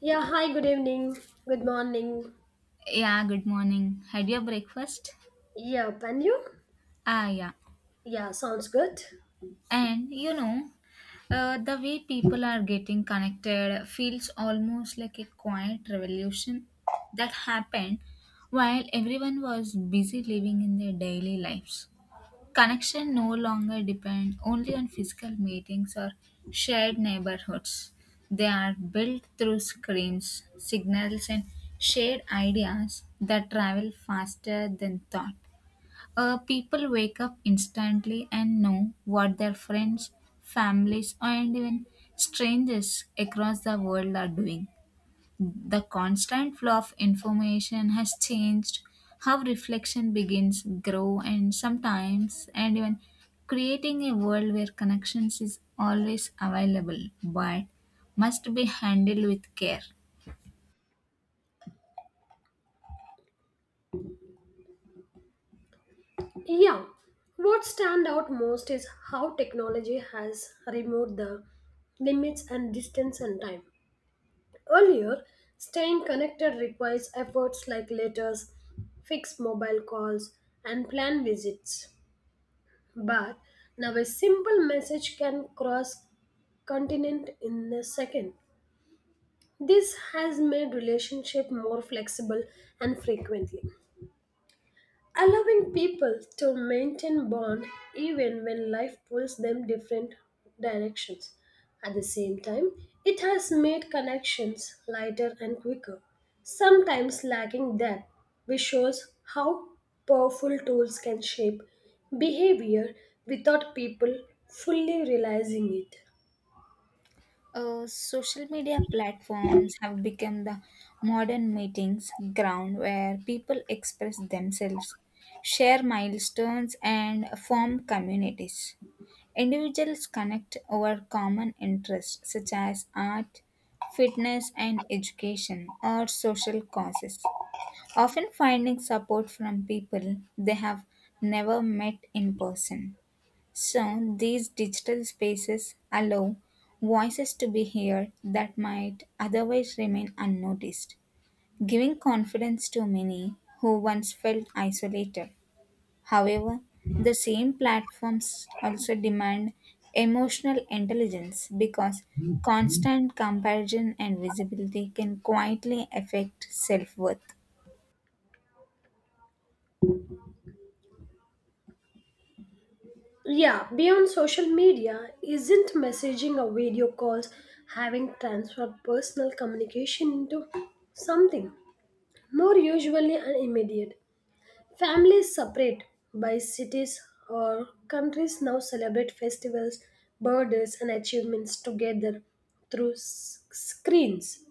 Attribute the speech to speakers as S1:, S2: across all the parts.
S1: Yeah, hi, good evening, good morning.
S2: Yeah, good morning. Had your breakfast?
S1: Yep, and you?
S2: Ah, yeah.
S1: Yeah, sounds good.
S2: And you know, the way people are getting connected feels almost like a quiet revolution that happened while everyone was busy living in their daily lives. Connection no longer depend only on physical meetings or shared neighborhoods. They are built through screens, signals, and shared ideas that travel faster than thought. People wake up instantly and know what their friends, families, and even strangers across the world are doing. The constant flow of information has changed how reflection begins, grow, and sometimes, and even creating a world where connections is always available but must be handled with care.
S1: Yeah, what stand out most is how technology has removed the limits and distance and time. Earlier, staying connected requires efforts like letters, fixed mobile calls, and planned visits. But now a simple message can cross continent in a second. This has made relationship more flexible and frequently, allowing people to maintain bond even when life pulls them different directions. At the same time, it has made connections lighter and quicker, sometimes lacking depth, which shows how powerful tools can shape behavior without people fully realizing it.
S2: Social media platforms have become the modern meetings ground where people express themselves, share milestones, and form communities. Individuals connect over common interests such as art, fitness, and education or social causes, often finding support from people they have never met in person. So, these digital spaces allow voices to be heard that might otherwise remain unnoticed, giving confidence to many who once felt isolated. However, the same platforms also demand emotional intelligence because constant comparison and visibility can quietly affect self worth.
S1: Yeah, beyond social media, isn't messaging or video calls having transferred personal communication into something more usually and immediate? Families separate by cities or countries now celebrate festivals, birthdays, and achievements together through screens.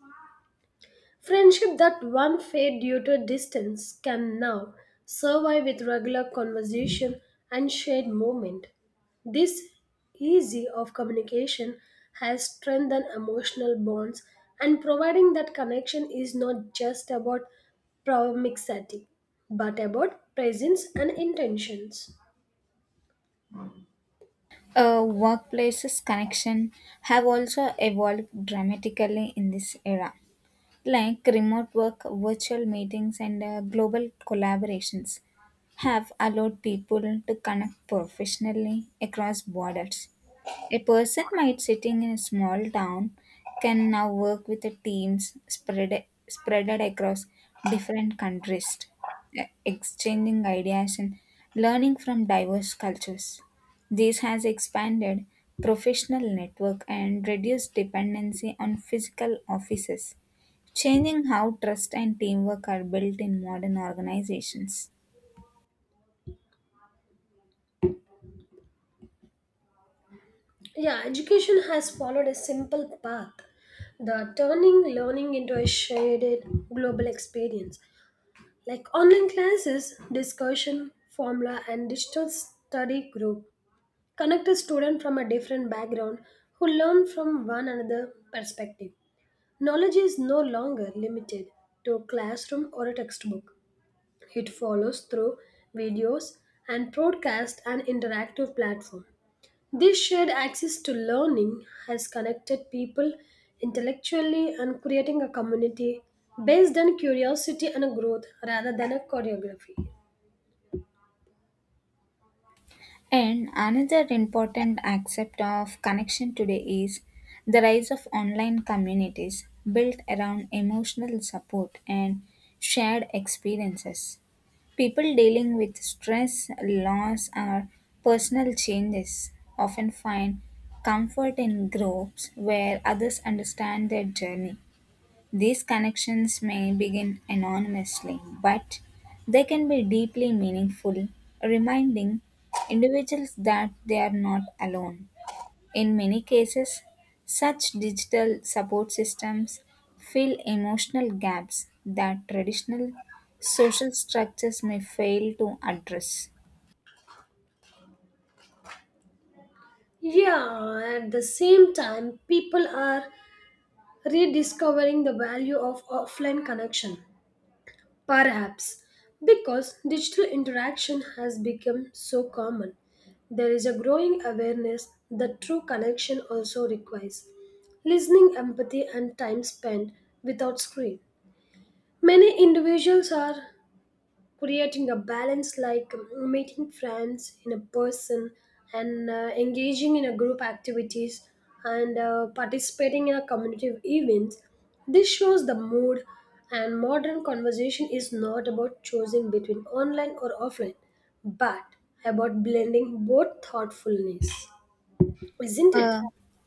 S1: Friendship that once fade due to distance can now survive with regular conversation and shared moment. This easy of communication has strengthened emotional bonds and providing that connection is not just about proximity but about presence and intentions.
S2: Workplaces connection have also evolved dramatically in this era like remote work, virtual meetings, and global collaborations have allowed people to connect professionally across borders. A person might sitting in a small town can now work with the teams spreaded across different countries, exchanging ideas and learning from diverse cultures. This has expanded professional network and reduced dependency on physical offices, changing how trust and teamwork are built in modern organizations.
S1: Yeah, education has followed a simple path. The turning learning into a shared global experience like online classes, discussion, formula, and digital study group connect a student from a different background who learn from one another perspective. Knowledge is no longer limited to a classroom or a textbook. It follows through videos and broadcast and interactive platform. This shared access to learning has connected people intellectually and creating a community based on curiosity and growth rather than a choreography.
S2: And another important aspect of connection today is the rise of online communities built around emotional support and shared experiences. People dealing with stress, loss, or personal changes often find comfort in groups where others understand their journey. These connections may begin anonymously, but they can be deeply meaningful, reminding individuals that they are not alone. In many cases, such digital support systems fill emotional gaps that traditional social structures may fail to address.
S1: Yeah, at the same time, people are rediscovering the value of offline connection, perhaps because digital interaction has become so common. There is a growing awareness that true connection also requires listening, empathy, and time spent without screen. Many individuals are creating a balance like meeting friends in a person and engaging in a group activities and participating in a community events. This shows the mood and modern conversation is not about choosing between online or offline but about blending both thoughtfulness, isn't it?
S2: Uh,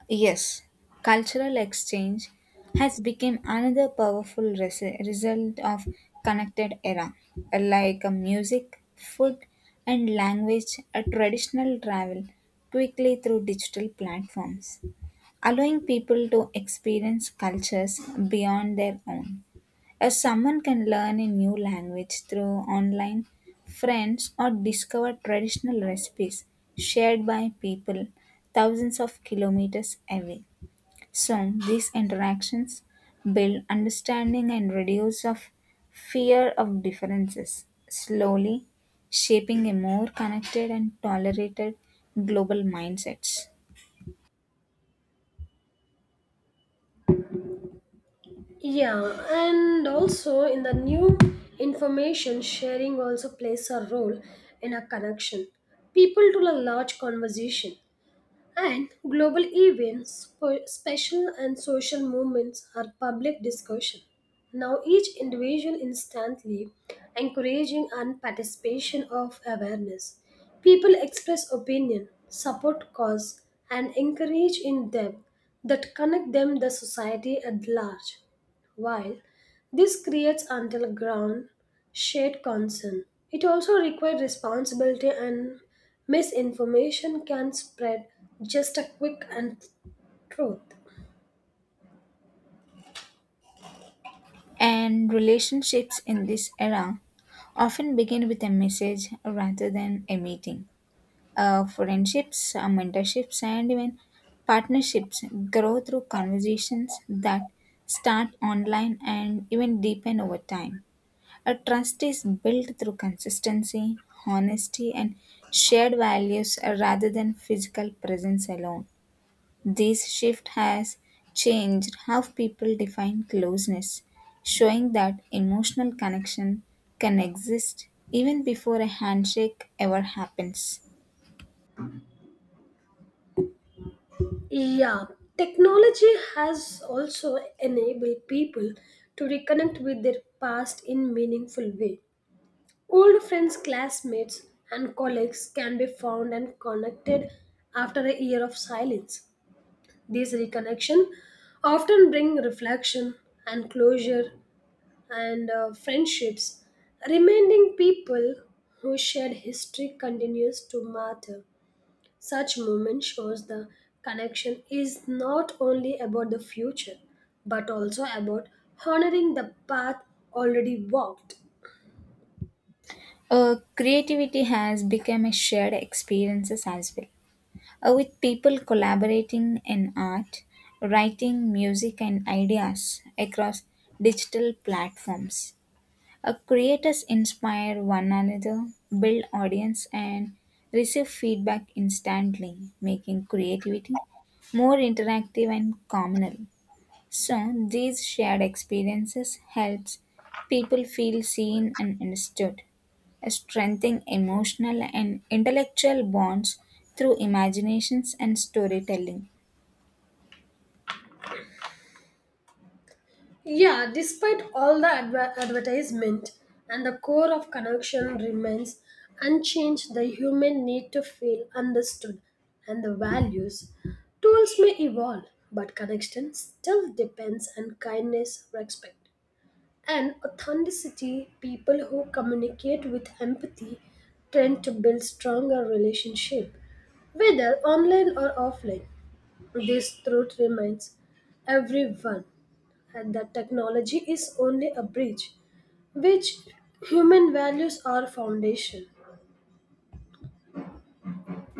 S2: yes, cultural exchange has become another powerful result of connected era. Music, food, and language. A traditional travel quickly through digital platforms, allowing people to experience cultures beyond their own. If someone can learn a new language through online friends or discover traditional recipes shared by people thousands of kilometers away. So these interactions build understanding and reduce of fear of differences, slowly shaping a more connected and tolerated global mindsets.
S1: Yeah, and also in the new information sharing also plays a role in a connection. People to a large conversation. And global events, special and social movements are public discussion. Now each individual instantly encouraging and participation of awareness. People express opinion, support cause, and encourage in them that connect them the society at large. While this creates underground shared concern, it also requires responsibility and misinformation can spread just a quick and truth.
S2: And relationships in this era often begin with a message rather than a meeting friendships, mentorships, and even partnerships grow through conversations that start online and even deepen over time. A trust is built through consistency, honesty, and shared values rather than physical presence alone. This shift has changed how people define closeness, showing that emotional connection can exist even before a handshake ever happens.
S1: Yeah, technology has also enabled people to reconnect with their past in meaningful way. Old friends, classmates, and colleagues can be found and connected after a year of silence. These reconnection often bring reflection and closure and friendships, reminding people who shared history continues to matter. Such movement shows the connection is not only about the future, but also about honoring the path already walked.
S2: Creativity has become a shared experiences as well, with people collaborating in art, writing, music, and ideas across digital platforms. Creators inspire one another, build audience, and receive feedback instantly, making creativity more interactive and communal. So these shared experiences helps people feel seen and understood, strengthening emotional and intellectual bonds through imaginations and storytelling.
S1: Yeah, despite all the advertisement and the core of connection remains unchanged, the human need to feel understood and the values. Tools may evolve, but connection still depends on kindness, respect, and authenticity. People who communicate with empathy tend to build stronger relationship, whether online or offline. This truth reminds everyone and that technology is only a bridge, which human values are foundation.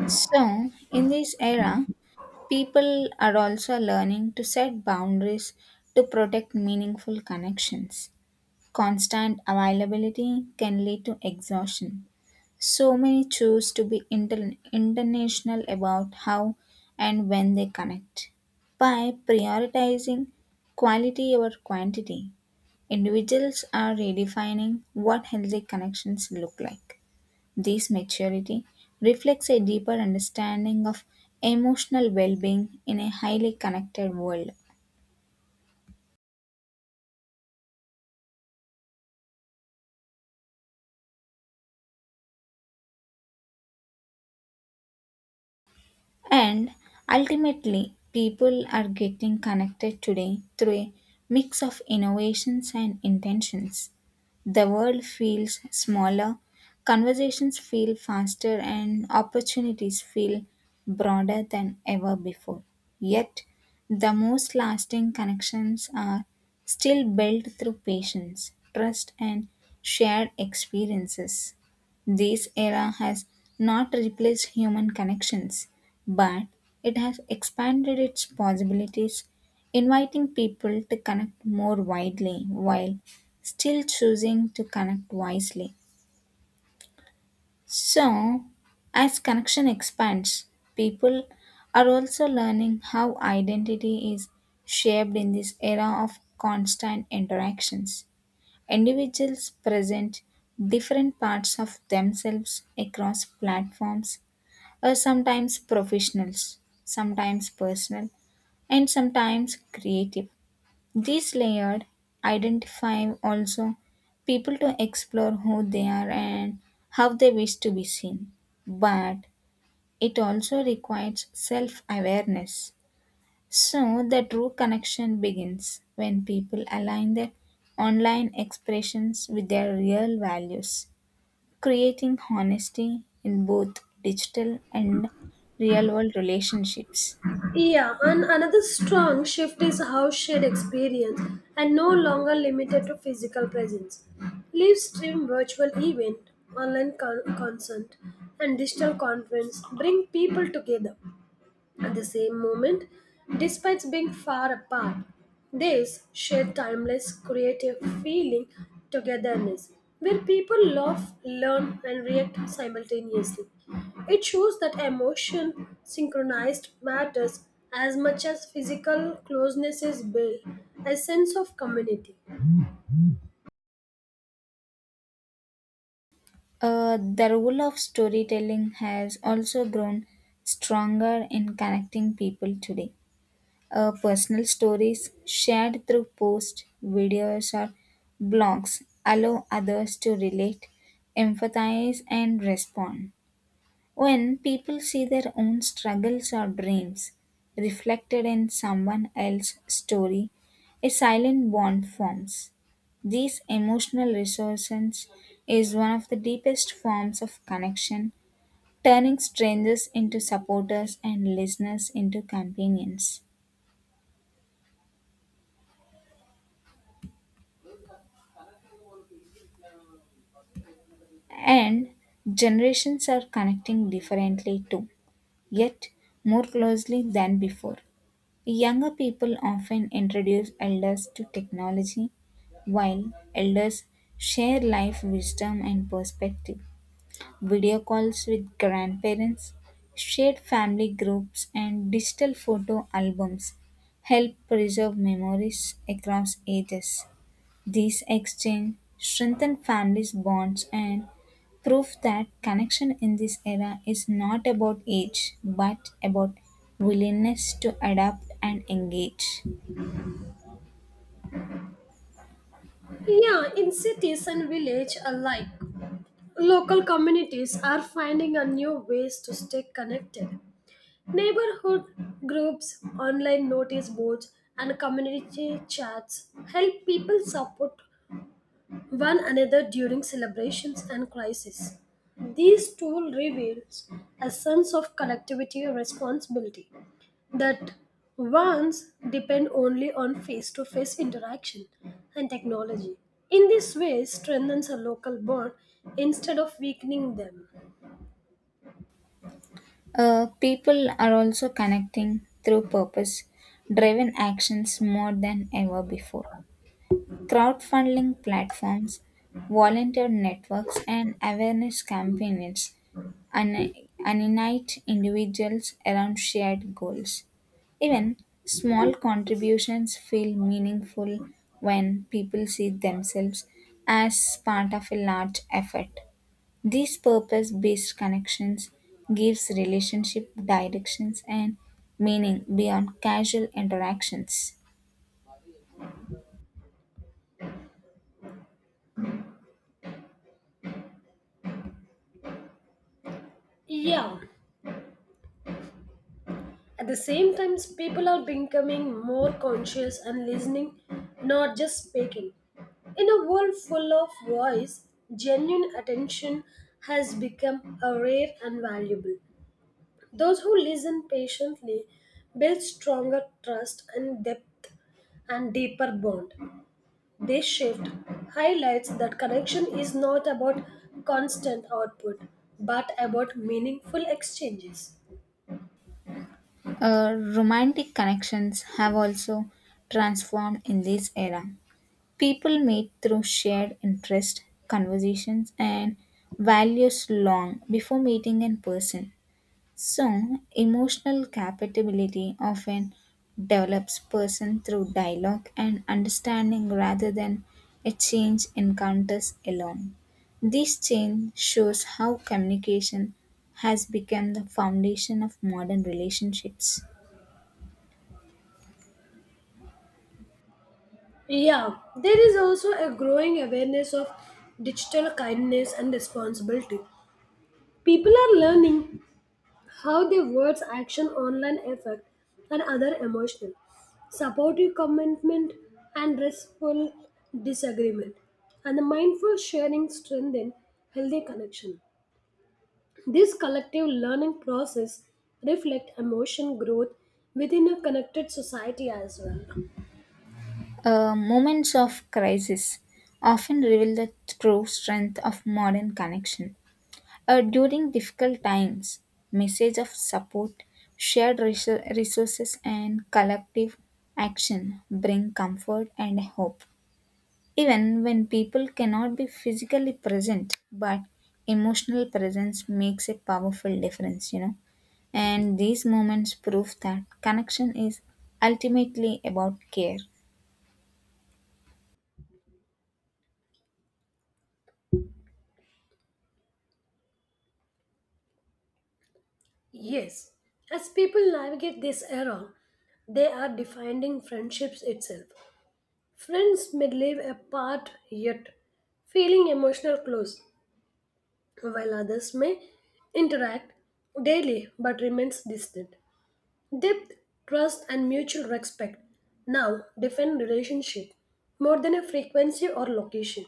S2: So in this era, people are also learning to set boundaries to protect meaningful connections. Constant availability can lead to exhaustion. So many choose to be international about how and when they connect. By prioritizing quality over quantity, individuals are redefining what healthy connections look like. This maturity reflects a deeper understanding of emotional well being in a highly connected world. And ultimately, people are getting connected today through a mix of innovations and intentions. The world feels smaller, conversations feel faster, and opportunities feel broader than ever before. Yet, the most lasting connections are still built through patience, trust, and shared experiences. This era has not replaced human connections but it has expanded its possibilities, inviting people to connect more widely while still choosing to connect wisely. So, as connection expands, people are also learning how identity is shaped in this era of constant interactions. Individuals present different parts of themselves across platforms, or sometimes professionals, sometimes personal, and sometimes creative. These layered identify also people to explore who they are and how they wish to be seen. But it also requires self awareness. So the true connection begins when people align their online expressions with their real values, creating honesty in both digital and real world relationships.
S1: Yeah, and another strong shift is how shared experience and no longer limited to physical presence. Live stream virtual event, online concert, and digital conference bring people together at the same moment, despite being far apart. This shared timeless creative feeling togetherness, where people laugh, learn, and react simultaneously. It shows that emotion synchronized matters as much as physical closeness is built, a sense of community.
S2: The role of storytelling has also grown stronger in connecting people today. Personal stories shared through posts, videos, or blogs allow others to relate, empathize, and respond. When people see their own struggles or dreams reflected in someone else's story, a silent bond forms. These emotional resources is one of the deepest forms of connection, turning strangers into supporters and listeners into companions. And generations are connecting differently too, yet more closely than before. Younger people often introduce elders to technology, while elders share life wisdom and perspective. Video calls with grandparents, shared family groups, and digital photo albums help preserve memories across ages. These exchange strengthen families' bonds and prove that connection in this era is not about age but about willingness to adapt and engage.
S1: Yeah, in cities and village alike, local communities are finding a new ways to stay connected. Neighborhood groups, online notice boards, and community chats help people support one another during celebrations and crises. These tools reveals a sense of collectivity and responsibility that once depend only on face-to-face interaction and technology. In this way, strengthens a local bond instead of weakening them.
S2: People are also connecting through purpose driven actions more than ever before. Crowdfunding platforms, volunteer networks, and awareness campaigns uni- unite individuals around shared goals. Even small contributions feel meaningful when people see themselves as part of a large effort. These purpose-based connections gives relationship directions and meaning beyond casual interactions.
S1: Yeah. At the same time, people are becoming more conscious and listening, not just speaking. In a world full of voice, genuine attention has become a rare and valuable. Those who listen patiently build stronger trust and depth and deeper bond. This shift highlights that connection is not about constant output but about meaningful exchanges.
S2: Romantic connections have also transformed in this era. People meet through shared interest, conversations, and values long before meeting in person. So, emotional compatibility often develops person through dialogue and understanding rather than a change encounters alone. This change shows how communication has become the foundation of modern relationships.
S1: Yeah, there is also a growing awareness of digital kindness and responsibility. People are learning how their words, action, online effect, and other emotional, supportive commitment, and restful disagreement, and the mindful sharing strengthen healthy connection. This collective learning process reflect emotion growth within a connected society as well.
S2: Moments of crisis often reveal the true strength of modern connection. During difficult times, message of support, shared resources, and collective action bring comfort and hope. Even when people cannot be physically present, but emotional presence makes a powerful difference, you know. And these moments prove that connection is ultimately about care.
S1: Yes, as people navigate this era, they are defining friendships itself. Friends may live apart yet feeling emotional close, while others may interact daily but remains distant. Depth, trust, and mutual respect now define relationship more than a frequency or location.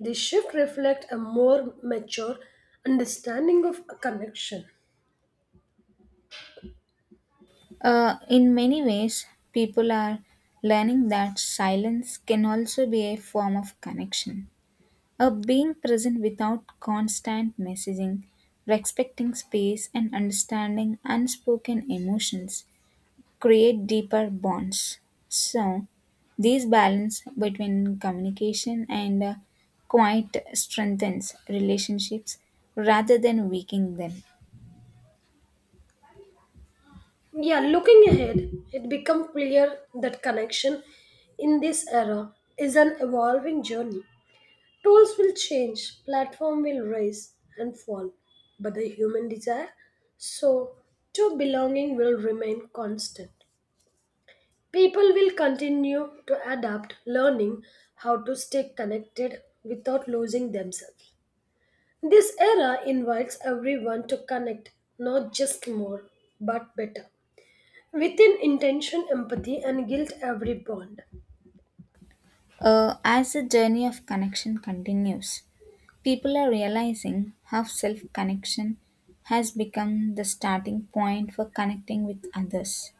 S1: This shift reflects a more mature understanding of a connection.
S2: In many ways, people are learning that silence can also be a form of connection. Being present without constant messaging, respecting space, and understanding unspoken emotions create deeper bonds. So, this balance between communication and quiet strengthens relationships rather than weakening them.
S1: Yeah, looking ahead, it becomes clear that connection in this era is an evolving journey. Tools will change, platform will rise and fall, but the human desire, so to belonging will remain constant. People will continue to adapt, learning how to stay connected without losing themselves. This era invites everyone to connect not just more, but better. Within intention, empathy, and guilt, every bond.
S2: As the journey of connection continues, people are realizing how self connection has become the starting point for connecting with others.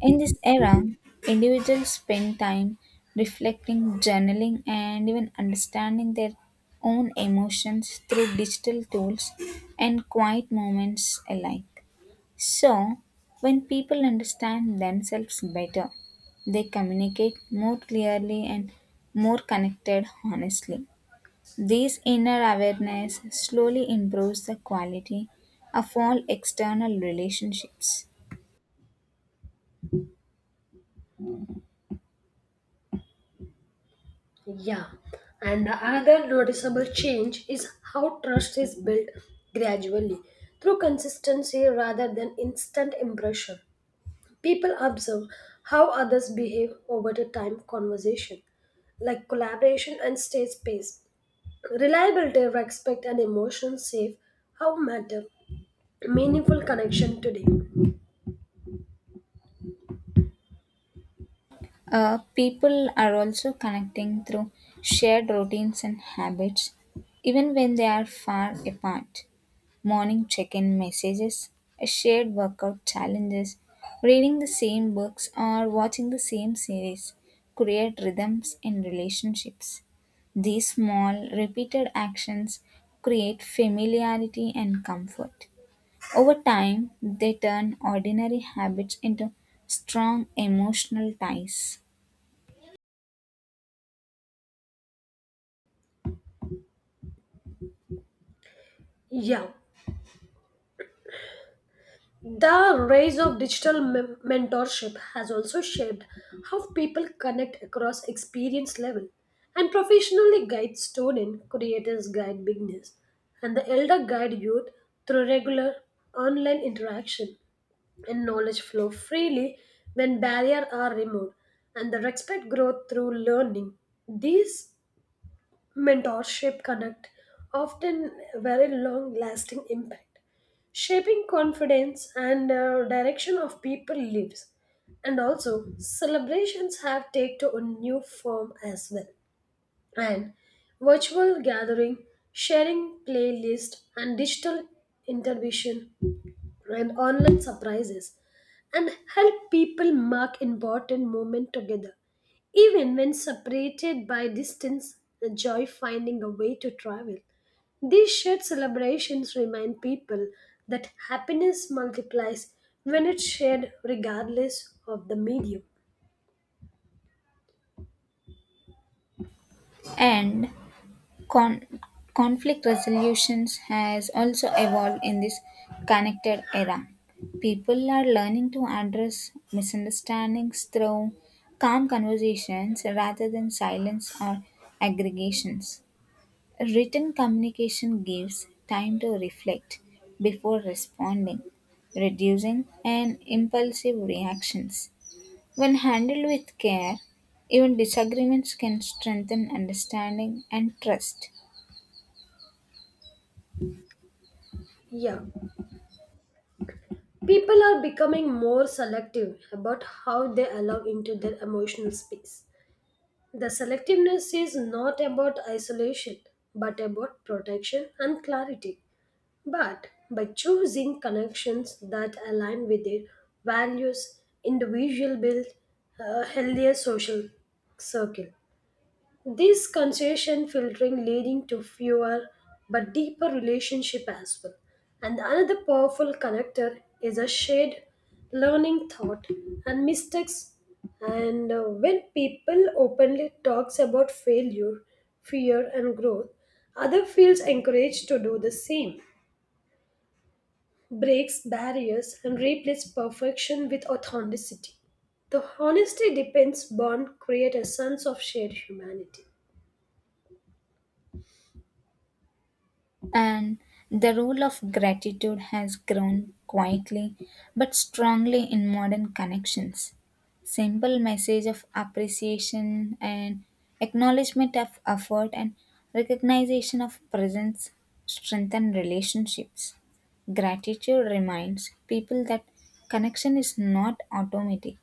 S2: In this era, individuals spend time reflecting, journaling, and even understanding their own emotions through digital tools and quiet moments alike. So, when people understand themselves better, they communicate more clearly and more connected honestly. This inner awareness slowly improves the quality of all external relationships.
S1: Yeah. And the other noticeable change is how trust is built gradually through consistency rather than instant impression. People observe how others behave over the time conversation, like collaboration and stage space. Reliability, respect, and emotion safe how matter meaningful connection today.
S2: People are also connecting through shared routines and habits, even when they are far apart. Morning check in messages, shared workout challenges, reading the same books, or watching the same series create rhythms in relationships. These small, repeated actions create familiarity and comfort. Over time, they turn ordinary habits into strong emotional ties.
S1: Yeah. The rise of digital mentorship has also shaped how people connect across experience level and professionally guide student, creators guide beginners, and the elder guide youth through regular online interaction and knowledge flow freely when barriers are removed and the respect growth through learning. These mentorship connect often very long lasting impact, shaping confidence and direction of people lives. And also celebrations have take to a new form as well, and virtual gathering, sharing playlist and digital intervention and online surprises and help people mark important moments together. Even when separated by distance, the joy finding a way to travel. These shared celebrations remind people that happiness multiplies when it's shared regardless of the medium.
S2: And Con- conflict resolutions has also evolved in this connected era. People are learning to address misunderstandings through calm conversations rather than silence or aggregations. Written communication gives time to reflect before responding, reducing an impulsive reactions. When handled with care, even disagreements can strengthen understanding and trust.
S1: Yeah. People are becoming more selective about how they allow into their emotional space. The selectiveness is not about isolation, but about protection and clarity. But by choosing connections that align with their values, individual build a healthier social circle. This concession filtering leading to fewer but deeper relationship as well. And another powerful connector is a shared learning thought and mistakes. And when people openly talks about failure, fear and growth, other feels encouraged to do the same, breaks barriers and replace perfection with authenticity. The honesty depends bond create a sense of shared humanity.
S2: And the role of gratitude has grown quietly but strongly in modern connections. Simple message of appreciation and acknowledgement of effort and recognition of presence strengthen relationships. Gratitude reminds people that connection is not automatic,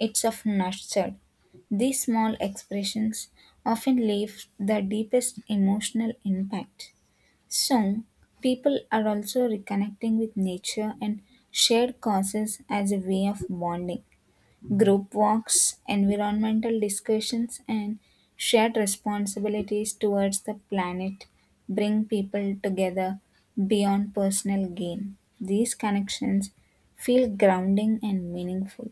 S2: it's of nurtured. These small expressions often leave the deepest emotional impact. So, people are also reconnecting with nature and shared causes as a way of bonding. Group walks, environmental discussions, and shared responsibilities towards the planet bring people together beyond personal gain. These connections feel grounding and meaningful,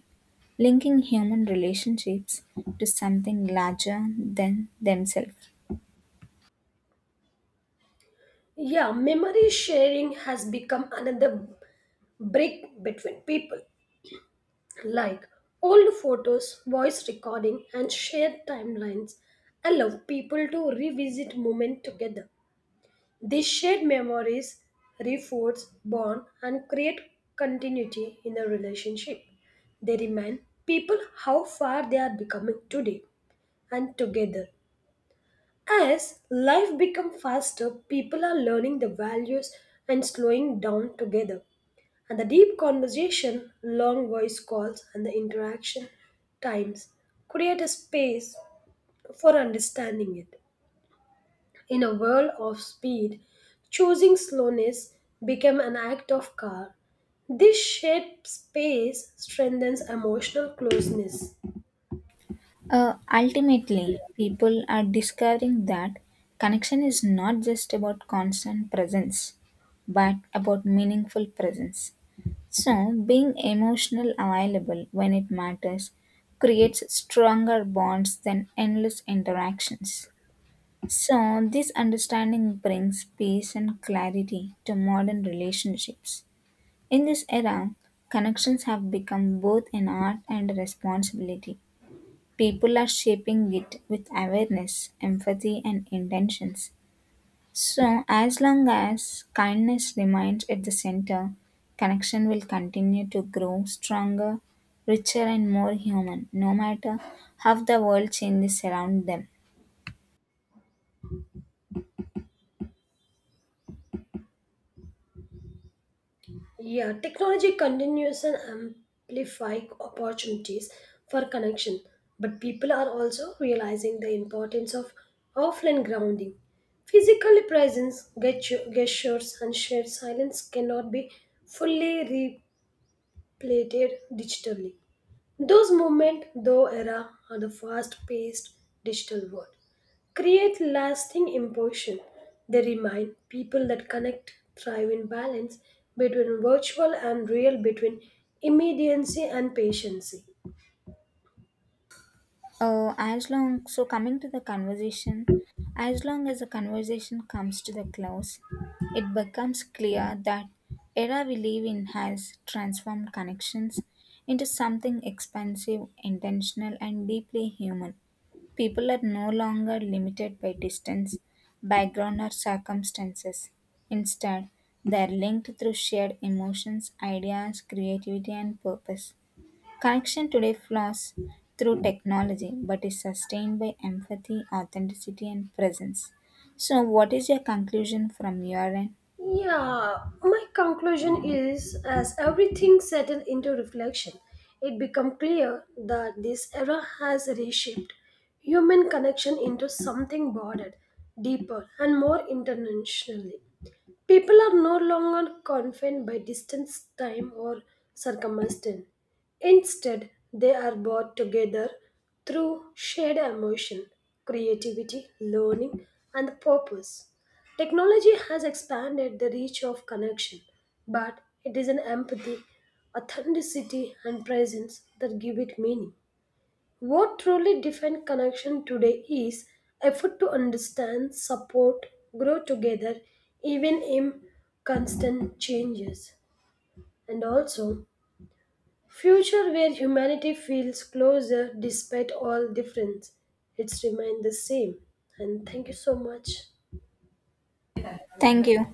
S2: linking human relationships to something larger than themselves.
S1: Yeah, memory sharing has become another brick between people. Like old photos, voice recording, and shared timelines allow people to revisit moments together. These shared memories reinforce bond and create continuity in a relationship. They remind people how far they are becoming today and together. As life becomes faster, people are learning the values and slowing down together. And the deep conversation, long voice calls, and the interaction times create a space for understanding it. In a world of speed, choosing slowness became an act of care. This shared space strengthens emotional closeness.
S2: Ultimately, people are discovering that connection is not just about constant presence, but about meaningful presence. So, being emotional available when it matters creates stronger bonds than endless interactions. So, this understanding brings peace and clarity to modern relationships. In this era, connections have become both an art and a responsibility. People are shaping it with awareness, empathy, and intentions. So, as long as kindness remains at the center, connection will continue to grow stronger, richer, and more human, no matter how the world changes around them.
S1: Yeah, technology continues and amplify opportunities for connection, but people are also realizing the importance of offline grounding. Physical presence, gestures, and shared silence cannot be fully replicated digitally. Those moments, though era of the fast-paced digital world, create lasting impression. They remind people that connect thrive in balance between virtual and real, between immediacy and patience.
S2: Uh, as long so coming to the conversation, as long as the conversation comes to the close, it becomes clear that era we live in has transformed connections into something expansive, intentional, and deeply human. People are no longer limited by distance, background, or circumstances. Instead, they are linked through shared emotions, ideas, creativity, and purpose. Connection today flows through technology but is sustained by empathy, authenticity, and presence. So, what is your conclusion from your end?
S1: Yeah, my conclusion is as everything settled into reflection, it became clear that this era has reshaped human connection into something broader, deeper, and more internationally. People are no longer confined by distance, time, or circumstance. Instead, they are brought together through shared emotion, creativity, learning, and purpose. Technology has expanded the reach of connection, but it is an empathy, authenticity, and presence that give it meaning. What truly defines connection today is effort to understand, support, grow together, even in constant changes, and also future where humanity feels closer despite all difference. It's remained the same. And thank you so much.
S2: Thank you.